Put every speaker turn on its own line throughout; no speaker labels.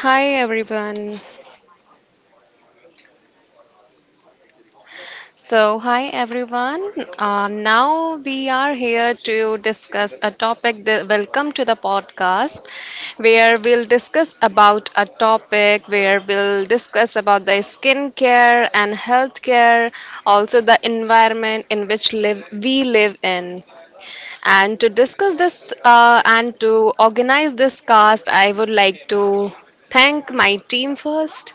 Hi everyone. So, hi everyone. Now we are here to discuss welcome to the podcast where we'll discuss about the skincare and healthcare, also the environment in which we live in. And to discuss this and to organize this cast, I would like to thank my team first.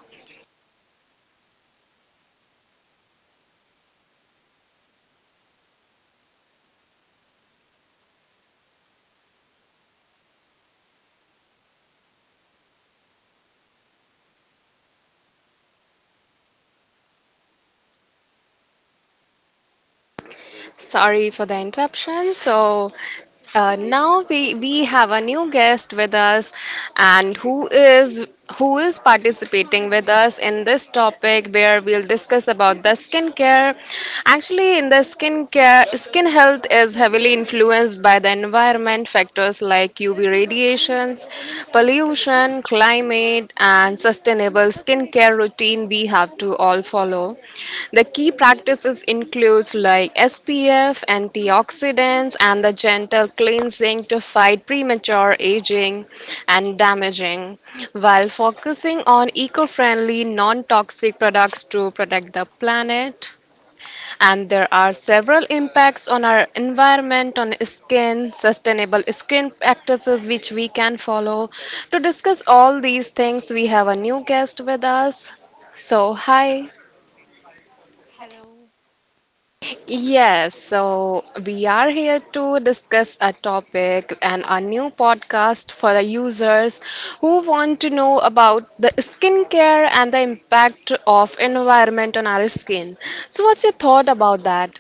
Sorry for the interruption. So now we have a new guest with us, and who is participating with us in this topic where we'll discuss about the skincare. Actually, in the skincare, skin health is heavily influenced by the environment factors like UV radiations, pollution, climate passionate and sustainable skincare routine we have to all follow. The key practices includes like SPF, antioxidants, and the gentle cleansing to fight premature aging and damaging, while focusing on eco-friendly, non-toxic products to protect the planet, and there are several impacts on our environment on skin sustainable skin practices which we can follow. To discuss all these things, we have a new guest with us. So hi.
Hello.
Yes, so we are here to discuss a topic and a new podcast for the users who want to know about the skincare and the impact of environment on our skin. So what's your thought about that?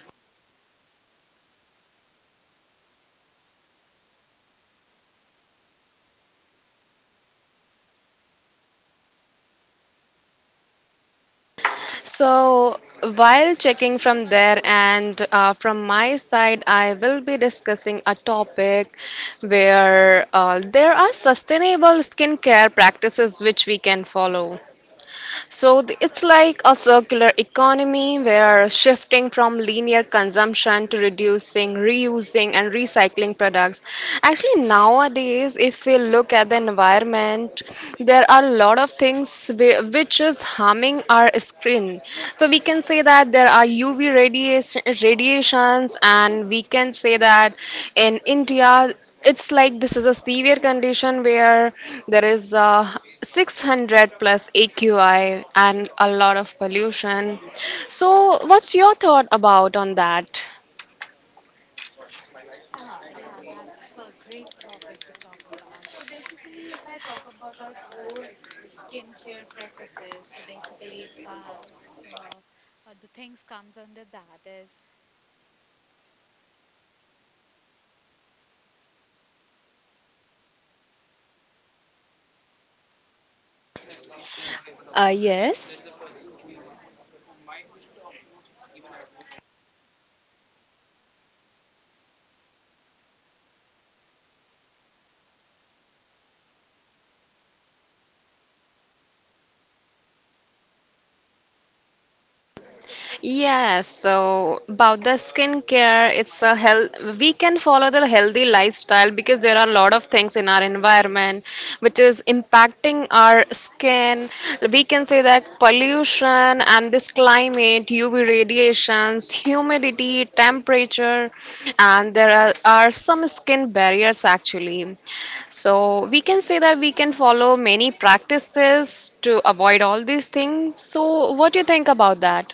So, while checking from there and from my side, I will be discussing a topic where there are sustainable skincare practices which we can follow. So it's like a circular economy where shifting from linear consumption to reducing, reusing, and recycling products. Actually, nowadays, if we look at the environment, there are a lot of things which is harming our skin. So we can say that there are radiations, and we can say that in India, it's like this is a severe condition where there is a 600 plus AQI and a lot of pollution. So, what's your thought about on that?
Yeah, that's a great topic to talk about. So basically, if I talk about our core skincare practices, so basically uh, the things comes under that is.
Uh, yes. Yes, so about the skincare, it's a health. We can follow the healthy lifestyle because there are a lot of things in our environment which is impacting our skin. We can say that pollution and this climate, UV radiations, humidity, temperature, and are some skin barriers actually. So we can say that we can follow many practices to avoid all these things. So what do you think about that?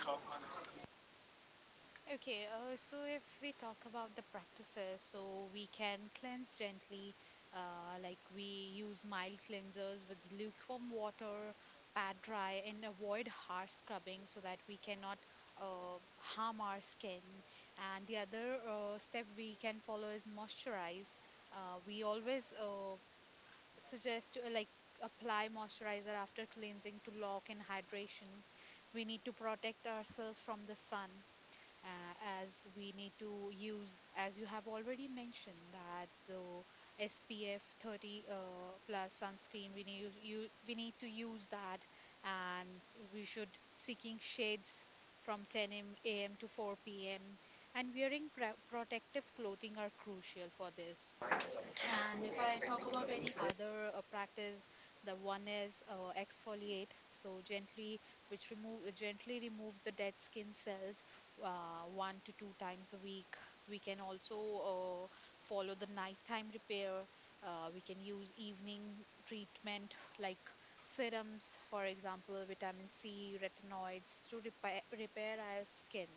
Okay, so if we talk about the practices, so we can cleanse gently, like we use mild cleansers with lukewarm water, pat dry, and avoid harsh scrubbing so that we cannot harm our skin. And the other step we can follow is moisturize. We always suggest to, like apply moisturizer after cleansing to lock in hydration. We need to protect ourselves from the sun uh, as we need to use, as you have already mentioned, that the SPF 30 plus sunscreen, we need to use that, and we should seeking shades from 10 a m am to 4 p.m., and wearing pr protective clothing are crucial for this. And if I talk about any other practice, the one is exfoliate, so gently, which remove gently removes the dead skin cells one to two times a week. We can also uh, follow the nighttime repair. We can use evening treatment like serums, for example, vitamin C, retinoids to repair our skin.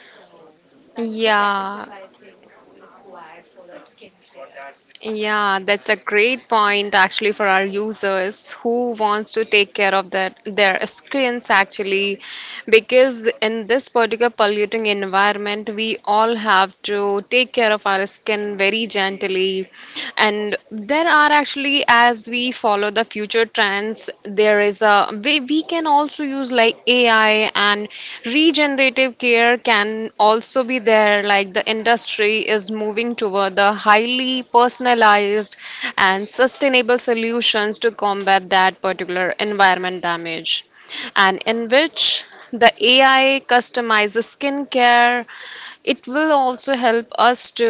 So that is the
Yeah,
practices I think required for the skincare.
yeah, that's a great point actually for our users who wants to take care of their screens actually, because in this particular polluting environment, we all have to take care of our skin very gently, and there are actually as we follow the future trends, there is a we can also use like AI and regenerative care can also be there, like the industry is moving toward the highly personalized and sustainable solutions to combat that particular environment damage, and in which the AI customizes skincare. It will also help us to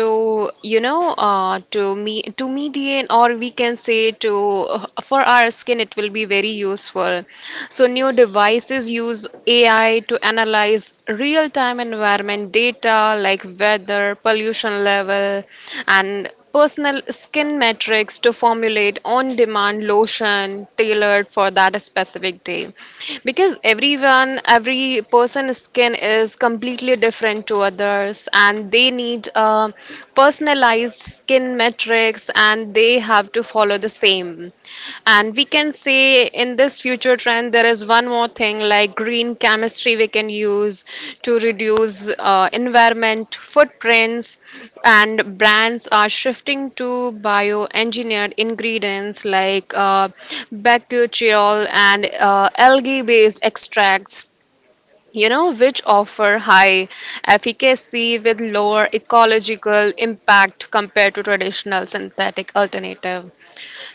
you know to me to mediate, or we can say to for our skin it will be very useful. So new devices use ai to analyze real time environment data like weather, pollution level, and personal skin metrics to formulate on demand lotion tailored for that specific day, because every person's skin is completely different to others and they need personalized skin metrics and they have to follow the same. And we can say in this future trend there is one more thing, like green chemistry we can use to reduce environment footprints, and brands are shifting to bioengineered ingredients like bakuchiol and algae based extracts, you know, which offer high efficacy with lower ecological impact compared to traditional synthetic alternative.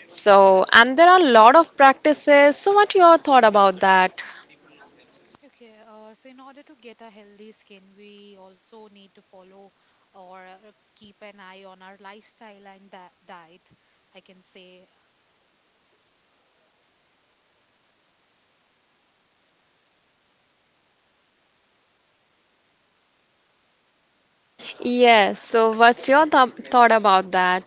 So, and there are a lot of practices. So, what your thought about that?
Okay, so in order to get a healthy skin, we also need to follow or keep an eye on our lifestyle and that diet, I can say.
Yes. So, what's your th thought about that?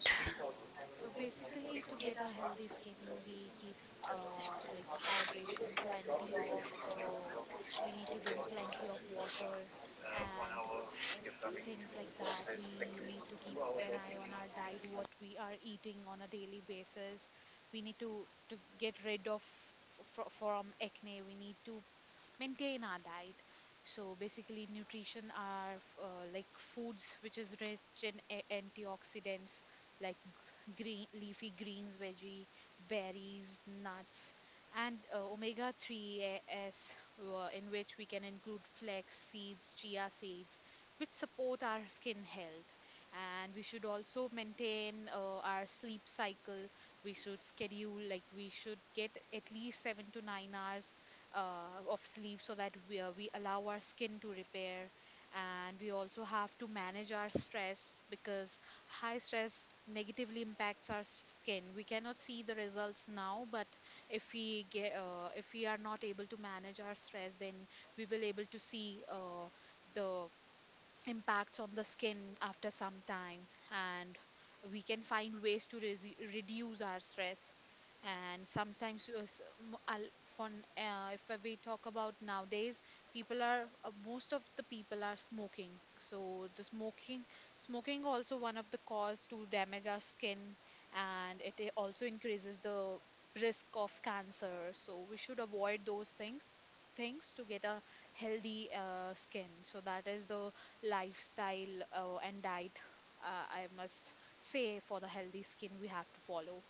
So basically, to get a healthy skin, we keep like hydration, plenty of we need to drink plenty of water and things like that. We need to keep an eye on our diet, what we are eating on a daily basis. We need to get rid of from acne. We need to maintain our diet. So basically, nutrition are like foods which is rich in antioxidants like green leafy greens, veggie, berries, nuts, and omega-3s, in which we can include flax seeds, chia seeds, which support our skin health. And we should also maintain our sleep cycle. We should schedule, like we should get at least 7 to 9 hours of sleep so that we allow our skin to repair. And we also have to manage our stress because high stress negatively impacts our skin. We cannot see the results now, but if we are not able to manage our stress, then we will able to see the impacts on the skin after some time, and we can find ways to reduce our stress. And sometimes s- m- I'll- fun- if we talk about nowadays, people are most of the people are smoking, so the smoking also one of the cause to damage our skin, and it also increases the risk of cancer, so we should avoid those things to get a healthy skin. So that is the lifestyle and diet, I must say, for the healthy skin we have to follow.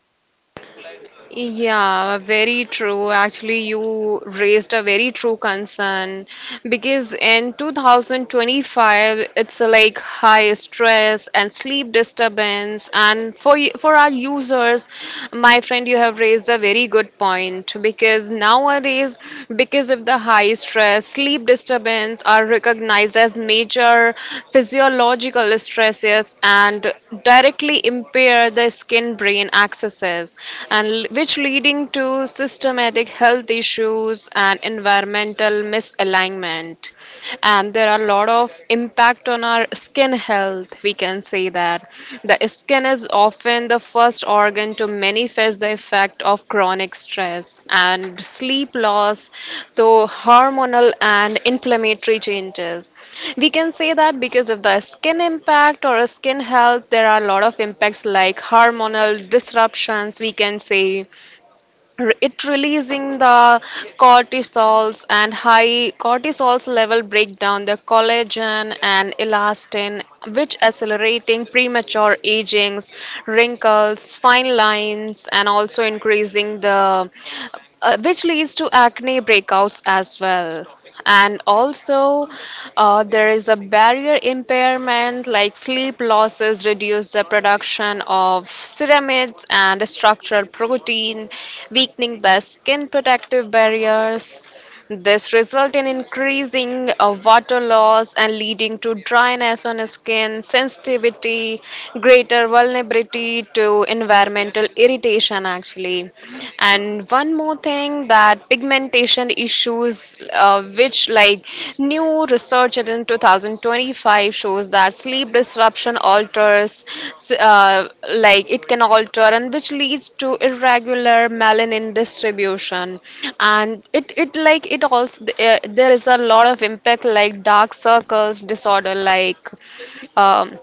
Yeah, very true. Actually, you raised a very true concern. Because in 2025, it's like high stress and sleep disturbance. And for for our users, my friend, you have raised a very good point. Because nowadays, because of the high stress, sleep disturbance are recognized as major physiological stresses and directly impair the skin-brain accesses and which leading to systematic health issues and environmental misalignment. And there are a lot of impact on our skin health. We can say that the skin is often the first organ to manifest the effect of chronic stress and sleep loss though hormonal and inflammatory changes. We can say that because of the skin impact or skin health there are a lot of impacts like hormonal disruptions. We can say it releasing the cortisols, and high cortisols level break down the collagen and elastin, which accelerating premature agings, wrinkles, fine lines, and also increasing the which leads to acne breakouts as well. And also there is a barrier impairment, like sleep losses reduce the production of ceramides and structural protein, weakening the skin protective barriers. This results in increasing water loss and leading to dryness on skin, sensitivity, greater vulnerability to environmental irritation actually. And one more thing that pigmentation issues which like new research research in 2025 shows that sleep disruption alters, uh, like it can alter, and which leads to irregular melanin distribution. And it like it also there is a lot of impact like dark circles disorder, like. Um,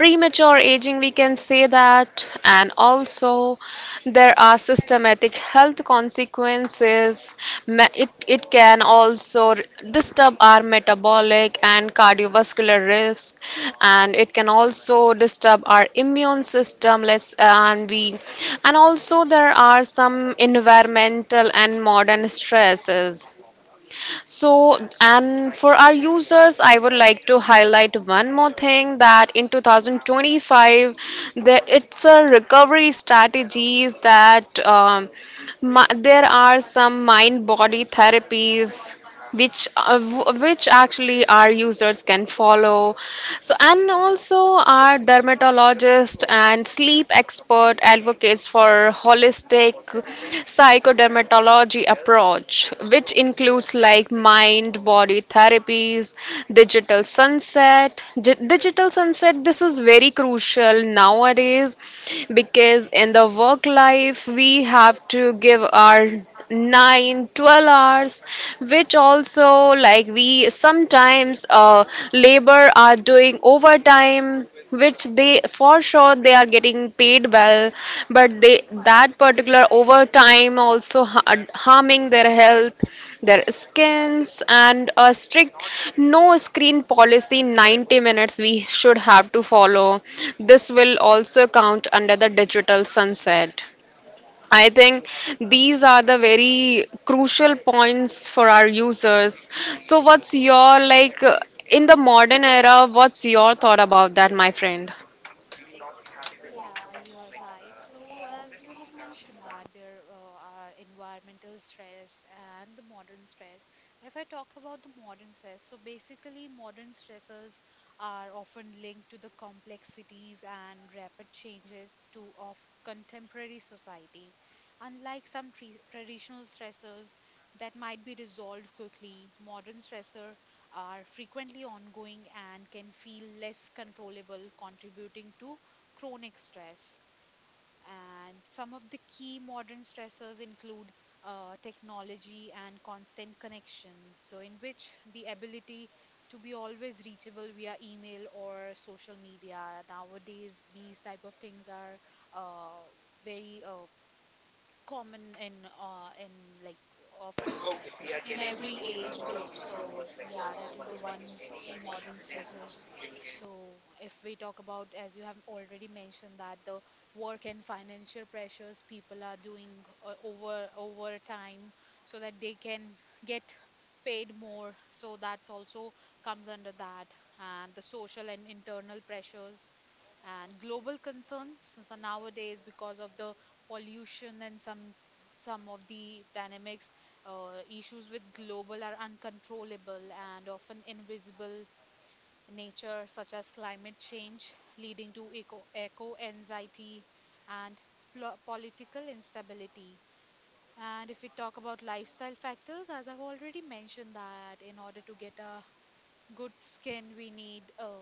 premature aging we can say that, and also there are systematic health consequences. It can also disturb our metabolic and cardiovascular risk, and it can also disturb our immune system let's and we and also there are some environmental and modern stresses. So, and for our users, I would like to highlight one more thing that in 2025, it's a recovery strategies that there are some mind-body therapies which which actually our users can follow. So and also our dermatologist and sleep expert advocates for holistic psychodermatology approach, which includes like mind-body therapies, digital sunset. Digital sunset, this is very crucial nowadays because in the work life we have to give our 9, 12 hours, which also like we sometimes labor are doing overtime, which they for sure they are getting paid well, but they that particular overtime also harming their health, their skins. And a strict no screen policy 90 minutes we should have to follow. This will also count under the digital sunset, I think. These are the very crucial points for our users. So, what's your in the modern era? What's your thought about that, my friend?
Yeah, you are right. So, as you have mentioned that there are environmental stress and the modern stress. If I talk about the modern stress, so basically modern stressors are often linked to the complexities and rapid changes to of contemporary society. Unlike some tre traditional stressors that might be resolved quickly, modern stressors are frequently ongoing and can feel less controllable, contributing to chronic stress. And some of the key modern stressors include technology and constant connection, so in which the ability to be always reachable via email or social media. Nowadays, these type of things are uh, very common in like of in every age group. So, yeah, that is the one key modern stressor. So, if we talk about, as you have already mentioned, that the work and financial pressures, people are doing over time so that they can get paid more. So that's also comes under that, and the social and internal pressures and global concerns. So nowadays, because of the pollution and some of the dynamics, issues with global are uncontrollable and often invisible nature, such as climate change, leading to eco anxiety and political instability. And if we talk about lifestyle factors, as I've already mentioned, that in order to get a good skin, we need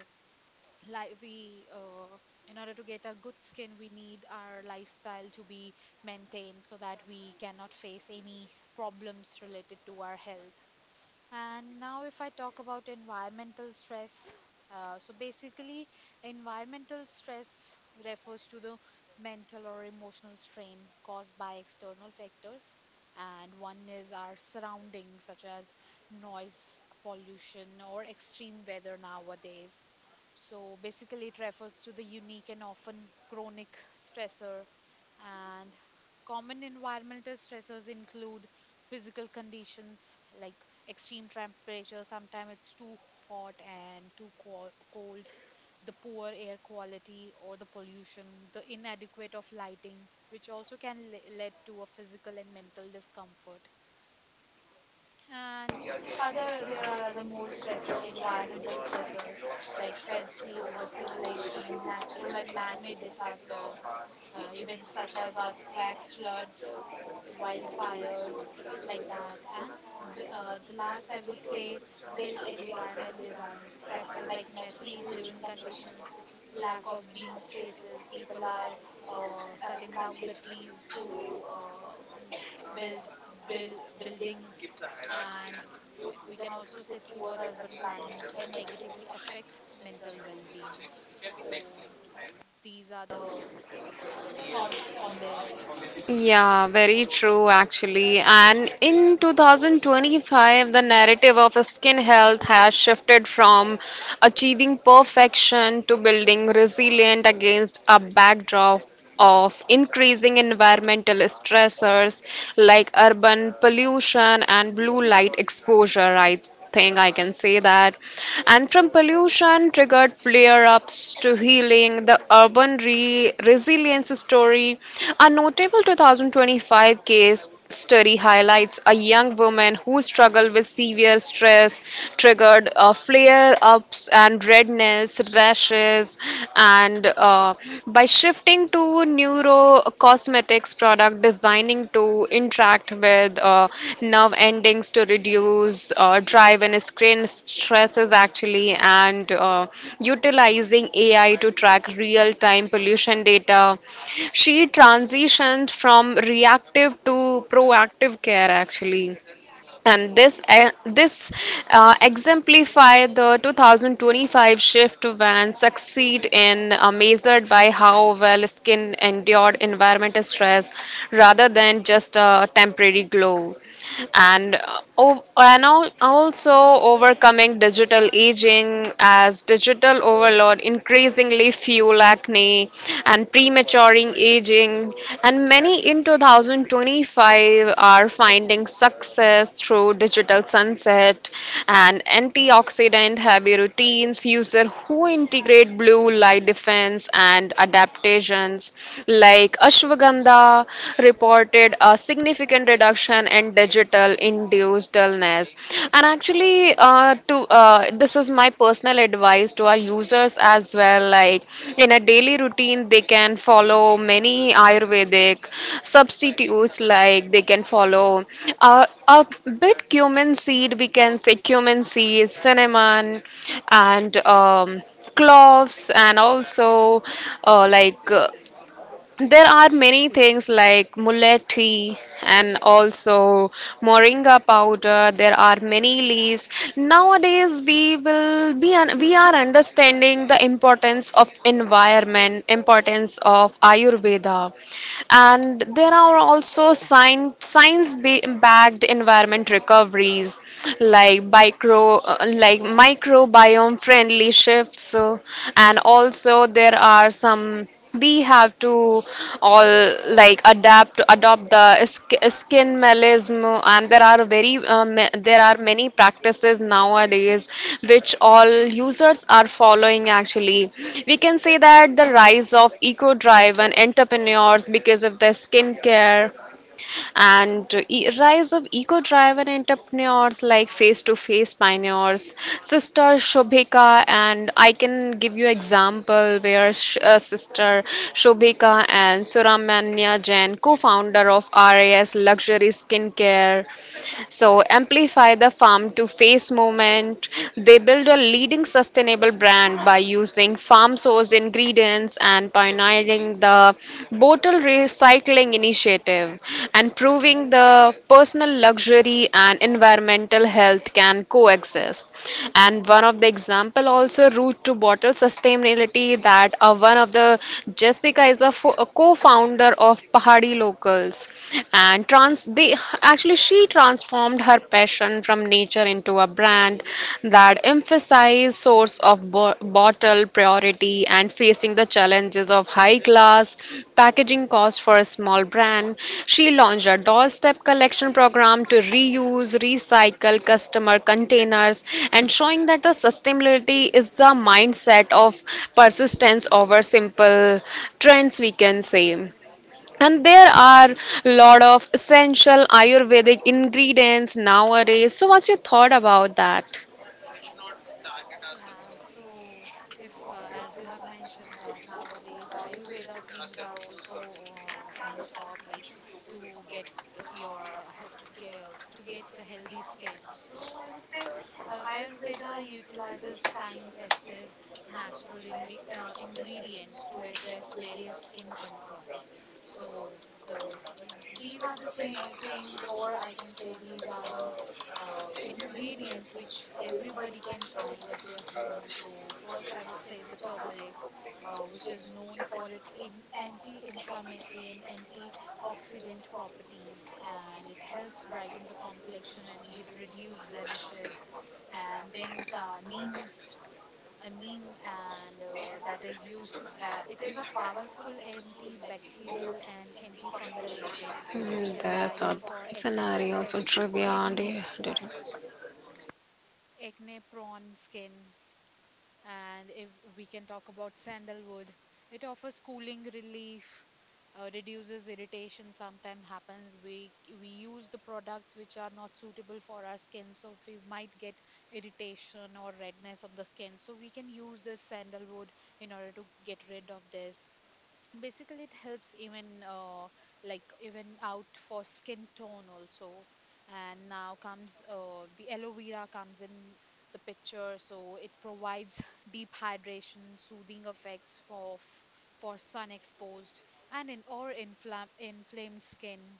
like we in order to get a good skin, we need our lifestyle to be maintained so that we cannot face any problems related to our health. And now, if I talk about environmental stress, so basically, environmental stress refers to the mental or emotional strain caused by external factors. And one is our surroundings, such as noise, pollution, or extreme weather nowadays. So basically, it refers to the unique and often chronic stressor. And common environmental stressors include physical conditions like extreme temperature, sometimes it's too hot and too cold, the poor air quality or the pollution, the inadequate of lighting, which also can lead to a physical and mental discomfort. And other there are other more stressor, environmental stressors like sensory overstimulation, natural and man-made disasters, events such as earthquake, floods, wildfires, like that. And the last I would say built environment designs factor, like messy living conditions, lack of green spaces. People are cutting down the trees to uh, m- build build buildings, and we can also say poor urban planning can negatively affect mental well-being. So these are the thoughts on this.
Yeah, very true actually. And in 2025, the narrative of skin health has shifted from achieving perfection to building resilient against a backdrop of increasing environmental stressors like urban pollution and blue light exposure, right? Thing I can say that. And from pollution triggered flare ups to healing, the urban resilience story. A notable 2025 case study highlights a young woman who struggled with severe stress, triggered flare ups and redness, rashes, and by shifting to neurocosmetics product designing to interact with nerve endings to reduce drive and screen stresses actually, and utilizing AI to track real-time pollution data. She transitioned from reactive to proactive care actually. And this exemplify the 2025 shift when succeed in measured by how well skin endured environmental stress rather than just a temporary glow. And, and also overcoming digital aging as digital overload increasingly fuel acne obesity and prematuring aging, and many in 2025 are finding success through digital sunset and antioxidant heavy routines. User who integrate blue light defense and adaptations like ashwagandha reported a significant reduction in digital induced dullness. Yes, and actually, to this is my personal advice to our users as well. Like in a daily routine, they can follow many Ayurvedic substitutes. Like they can follow a bit cumin seed. We can say cumin seed, cinnamon, and cloves, and also uh, like uh, there are many things like mullet tea and also moringa powder. There are many leaves. Nowadays, we will be un- we are understanding the importance of environment, importance of Ayurveda, and there are also science backed environment recoveries like micro like microbiome friendly shifts. So, and also there are some we have to all like adapt adopt the skin melism, and there are very there are many practices nowadays which all users are following actually. We can say that the rise of eco driven entrepreneurs because of their skincare and e- rise of eco-driven entrepreneurs like face-to-face pioneers, Sister Shobhika, and I can give you example where Sister Shobhika and Suramanya Jain, co-founder of RAS Luxury Skincare, so amplify the farm to face movement. They build a leading sustainable brand by using farm sourced ingredients and pioneering the bottle recycling initiative and proving the personal luxury and environmental health can coexist. And one of the example also route to bottle sustainability that one of the Jessica is a, a co-founder of Pahadi Locals and trans they actually she transformed her passion transition from nature into a brand that emphasizes source of bottle priority and facing the challenges of high class packaging cost for a small brand. She launched a doorstep collection program to reuse, recycle customer containers and showing that the sustainability is the mindset of persistence over simple trends we can say. And there are a lot of essential Ayurvedic ingredients nowadays. So, what's your thought about that?
Yeah, so if, as you have mentioned, that nowadays Ayurveda things are also on top, like to get uh, your to get the healthy skin. So I would say Ayurveda utilizes time-tested natural indi ingredients to address various skin concerns. So these are the th things, or I can say these are the ingredients which everybody can find at their home. So, first, I would say the turmeric, which is known for its anti inflammatory and antioxidant properties, and it helps brighten the complexion and reduce blemishes. And then, neems. A neem and that is used, it is a powerful antibacterial and antifungal agent.
Mm,
It is
that's
ideal for
advanced
acne,
scenario, also trivia. And
acne
you- do you-
acne prone skin. And if we can talk about sandalwood, it offers cooling relief, reduces irritation. Sometimes happens we use the products which are not suitable for our skin, so we might get irritation or redness on the skin. So we can use this sandalwood in order to get rid of this. Basically, it helps even like even out for skin tone also. And now comes the aloe vera comes in the picture, so it provides deep hydration, soothing effects for sun exposed and in or inflam inflamed skin.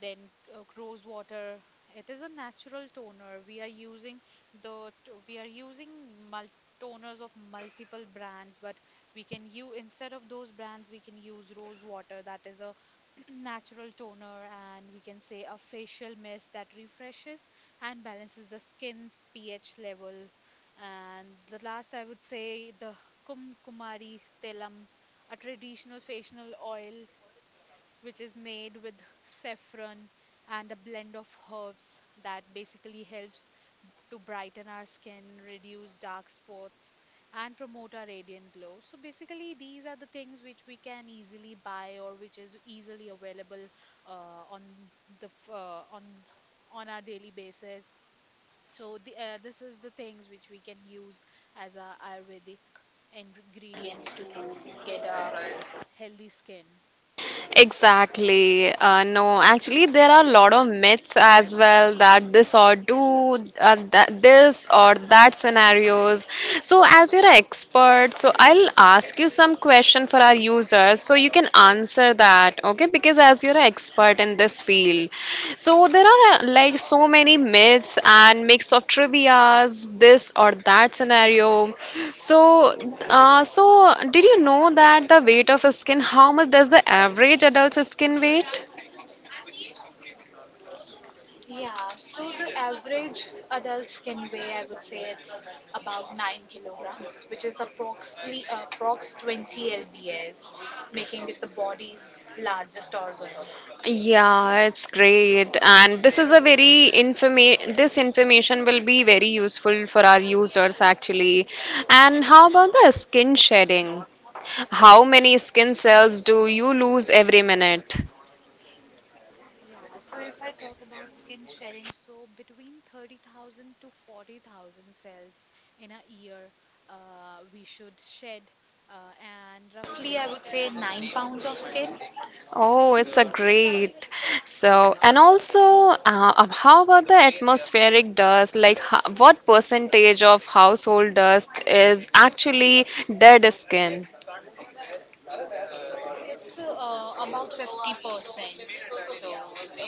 Then rose water, it is a natural toner. We are using we are using mul- toners of multiple brands, but we can use, instead of those brands, we can use rose water. That is a natural toner, and we can say a facial mist that refreshes and balances the skin's ph level. And the last I would say the kumari telam, a traditional facial oil which is made with saffron and a blend of herbs that basically helps to brighten our skin, reduce dark spots, and promote our radiant glow. So basically, these are the things which we can easily buy or which is easily available on the f- on our daily basis. So the, this is the things which we can use as our Ayurvedic ingredients to get a healthy skin.
Exactly. No, actually, there are a lot of myths as well that this or do that this or that scenarios. So, as you're an expert, so I'll ask you some question for our users, so you can answer that. Okay, because is as you're an expert in this field. So there are like so many myths and mix of trivias, this or that scenario. So, so did you know that the weight of skin, how much does the average adult's skin weight?
Yeah, so the average adult can weigh, I would say it's about 9 kilograms, which is approximately approx 20 lbs, making it the body's largest organ.
Yeah, it's great. And this is a very informa this information will be very useful for our users actually. And how about the skin shedding? How many skin cells do you lose every minute?
Yeah, so if I talk about skin shedding, so between 30,000 to 40,000 cells in a year, we should shed, and roughly, I would say, 9 pounds of skin.
Oh, it's a great. So, and also, how about the atmospheric dust? Like, what percentage of household dust is actually dead skin?
So it's about 50%. So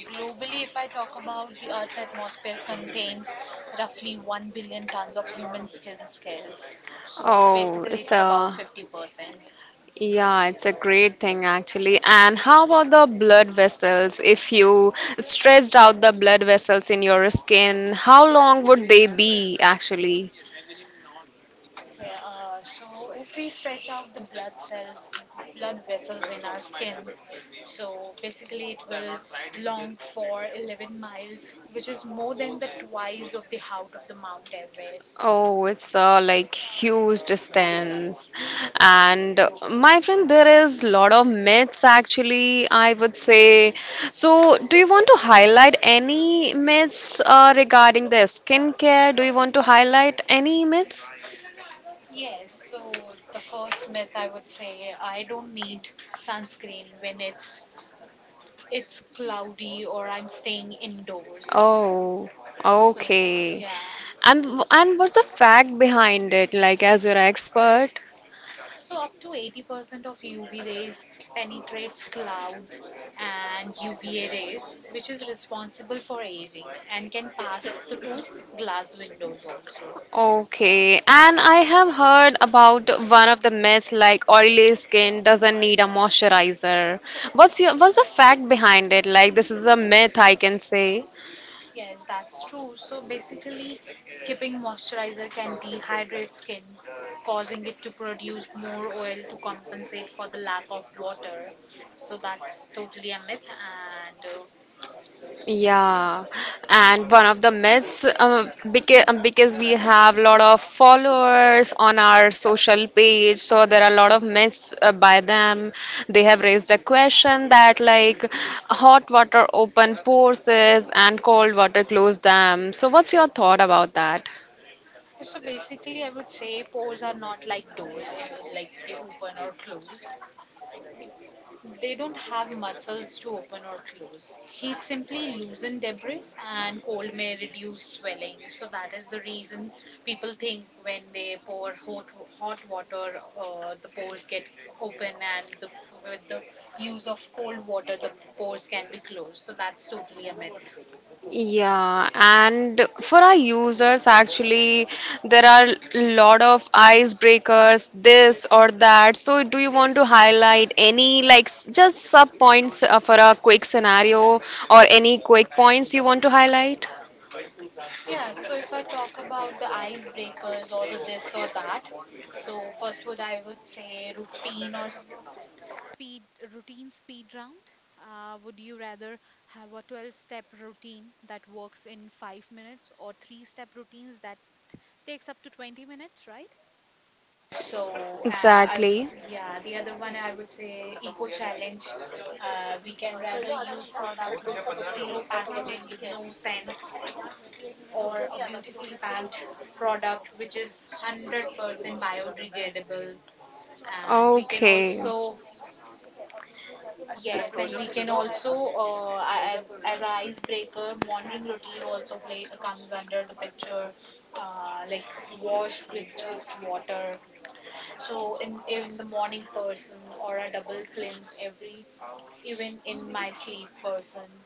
globally, if I talk about, the Earth's atmosphere contains roughly 1 billion tons of human skin scales. So
Oh,
basically,
it's
it's about
a
50%.
yeah, it's a great thing actually. And how about the blood vessels? If you stretched out the blood vessels in your skin, how long would they be actually?
Okay, so if we stretch out the blood vessels in our skin, so basically it will long for 11 miles, which is more than the twice of the height of the Mount Everest.
Oh, it's a like huge distance. And my friend, there is lot of myths actually, I would say. So, do you want to highlight any myths regarding the skincare? Do you want to highlight any myths?
Yes, so the first myth I would say, I don't need sunscreen when it's cloudy or I'm staying indoors.
Oh, so,
So,
okay.
yeah.
And and what's the fact behind it? Like, as you're an expert.
So up to 80% of UV rays penetrates cloud, and UVA rays, which is responsible for aging, and can pass through glass windows also.
Okay. And I have heard about one of the myths, like oily skin doesn't need a moisturizer. What's the fact behind it? Like, this is a myth, I can say.
Yes, that's true. So basically, skipping moisturizer can dehydrate skin, causing it to produce more oil to compensate for the lack of water. So that's totally a myth. And
Yeah, and one of the myths, because we have a lot of followers on our social page, so there are a lot of myths by them. They have raised a question that, like, hot water open pores is and cold water close them. So, what's your thought about that?
so basically, I would say pores are not like doors, like they open or close. They don't have muscles to open or close. Heat simply loosen debris, and cold may reduce swelling. So that is the reason people think when they pour hot water, the pores get open, and the, with the use of cold water, the pores can be closed. So that's totally a myth.
Yeah, and for our users, actually, there are a lot of icebreakers, this or that. So, do you want to highlight any like just sub points for a quick scenario or any quick points you want to highlight?
Yeah, so if I talk about the icebreakers or the this or that, so first would I would say routine or sp speed, routine speed round. Would you rather have a 12-step routine that works in 5 minutes or three-step routines that takes up to 20 minutes, right? So
Exactly.
yeah, the other one I would say eco challenge. We can rather use product with zero packaging with no
It
sense,
can.
or a beautifully packed product which is 100% biodegradable, and we can
Okay.
also, yes, and we can also as a icebreaker, morning routine also play, comes under the picture, like wash with just water, so in even the morning person or a double cleanse every, even in my sleep person.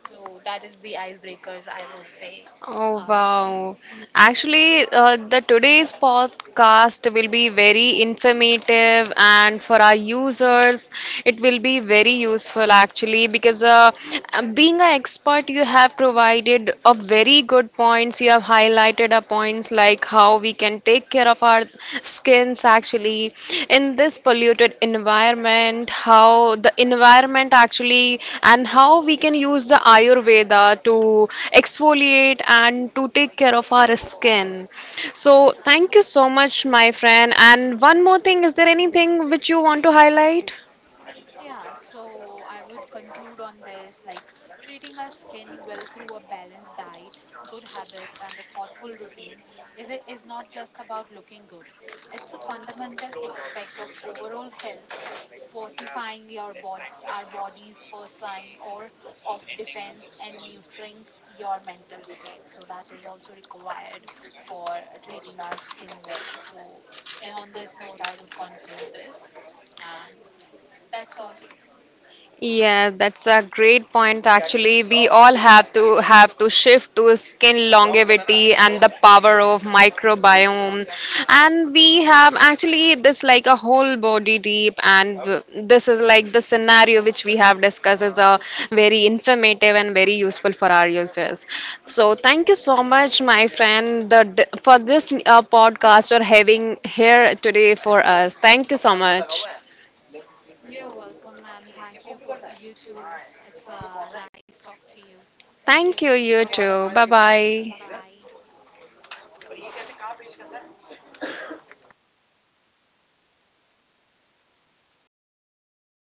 So that is the icebreakers I would say.
Oh,
uh,
wow. Actually, the today's podcast will be very informative and for our users it will be very useful actually because being an expert you have provided a very good points you have highlighted a point points like how we can take care of our skins actually in this polluted environment, how the environment actually, and how we can use the Ayurveda to exfoliate and to take care of our skin. So, thank you so much, my friend. And one more thing, is there anything which you want to highlight?
Yeah, so I would conclude on this, like treating our skin well through a balanced diet, good habits, and a thoughtful routine is it is not just about looking good. It's a fundamental aspect of overall health, fortifying your bod our body's first line or of defense and nurturing your mental state. So that is also required for treating our skin well. So and on this note, I would conclude this. And that's all.
Yes, that's a great point actually. We all have to shift to skin longevity and the power of microbiome. And we have actually this like a whole body deep and this is like the scenario which we have discussed is a very informative and very useful for our users. So thank you so much my friend for this podcast or having here today for us. Thank you so much.
You're welcome, and thank you for you too. It's nice talk to you. Thank you.
Thank you, you too. Bye
Bye
bye.
bye.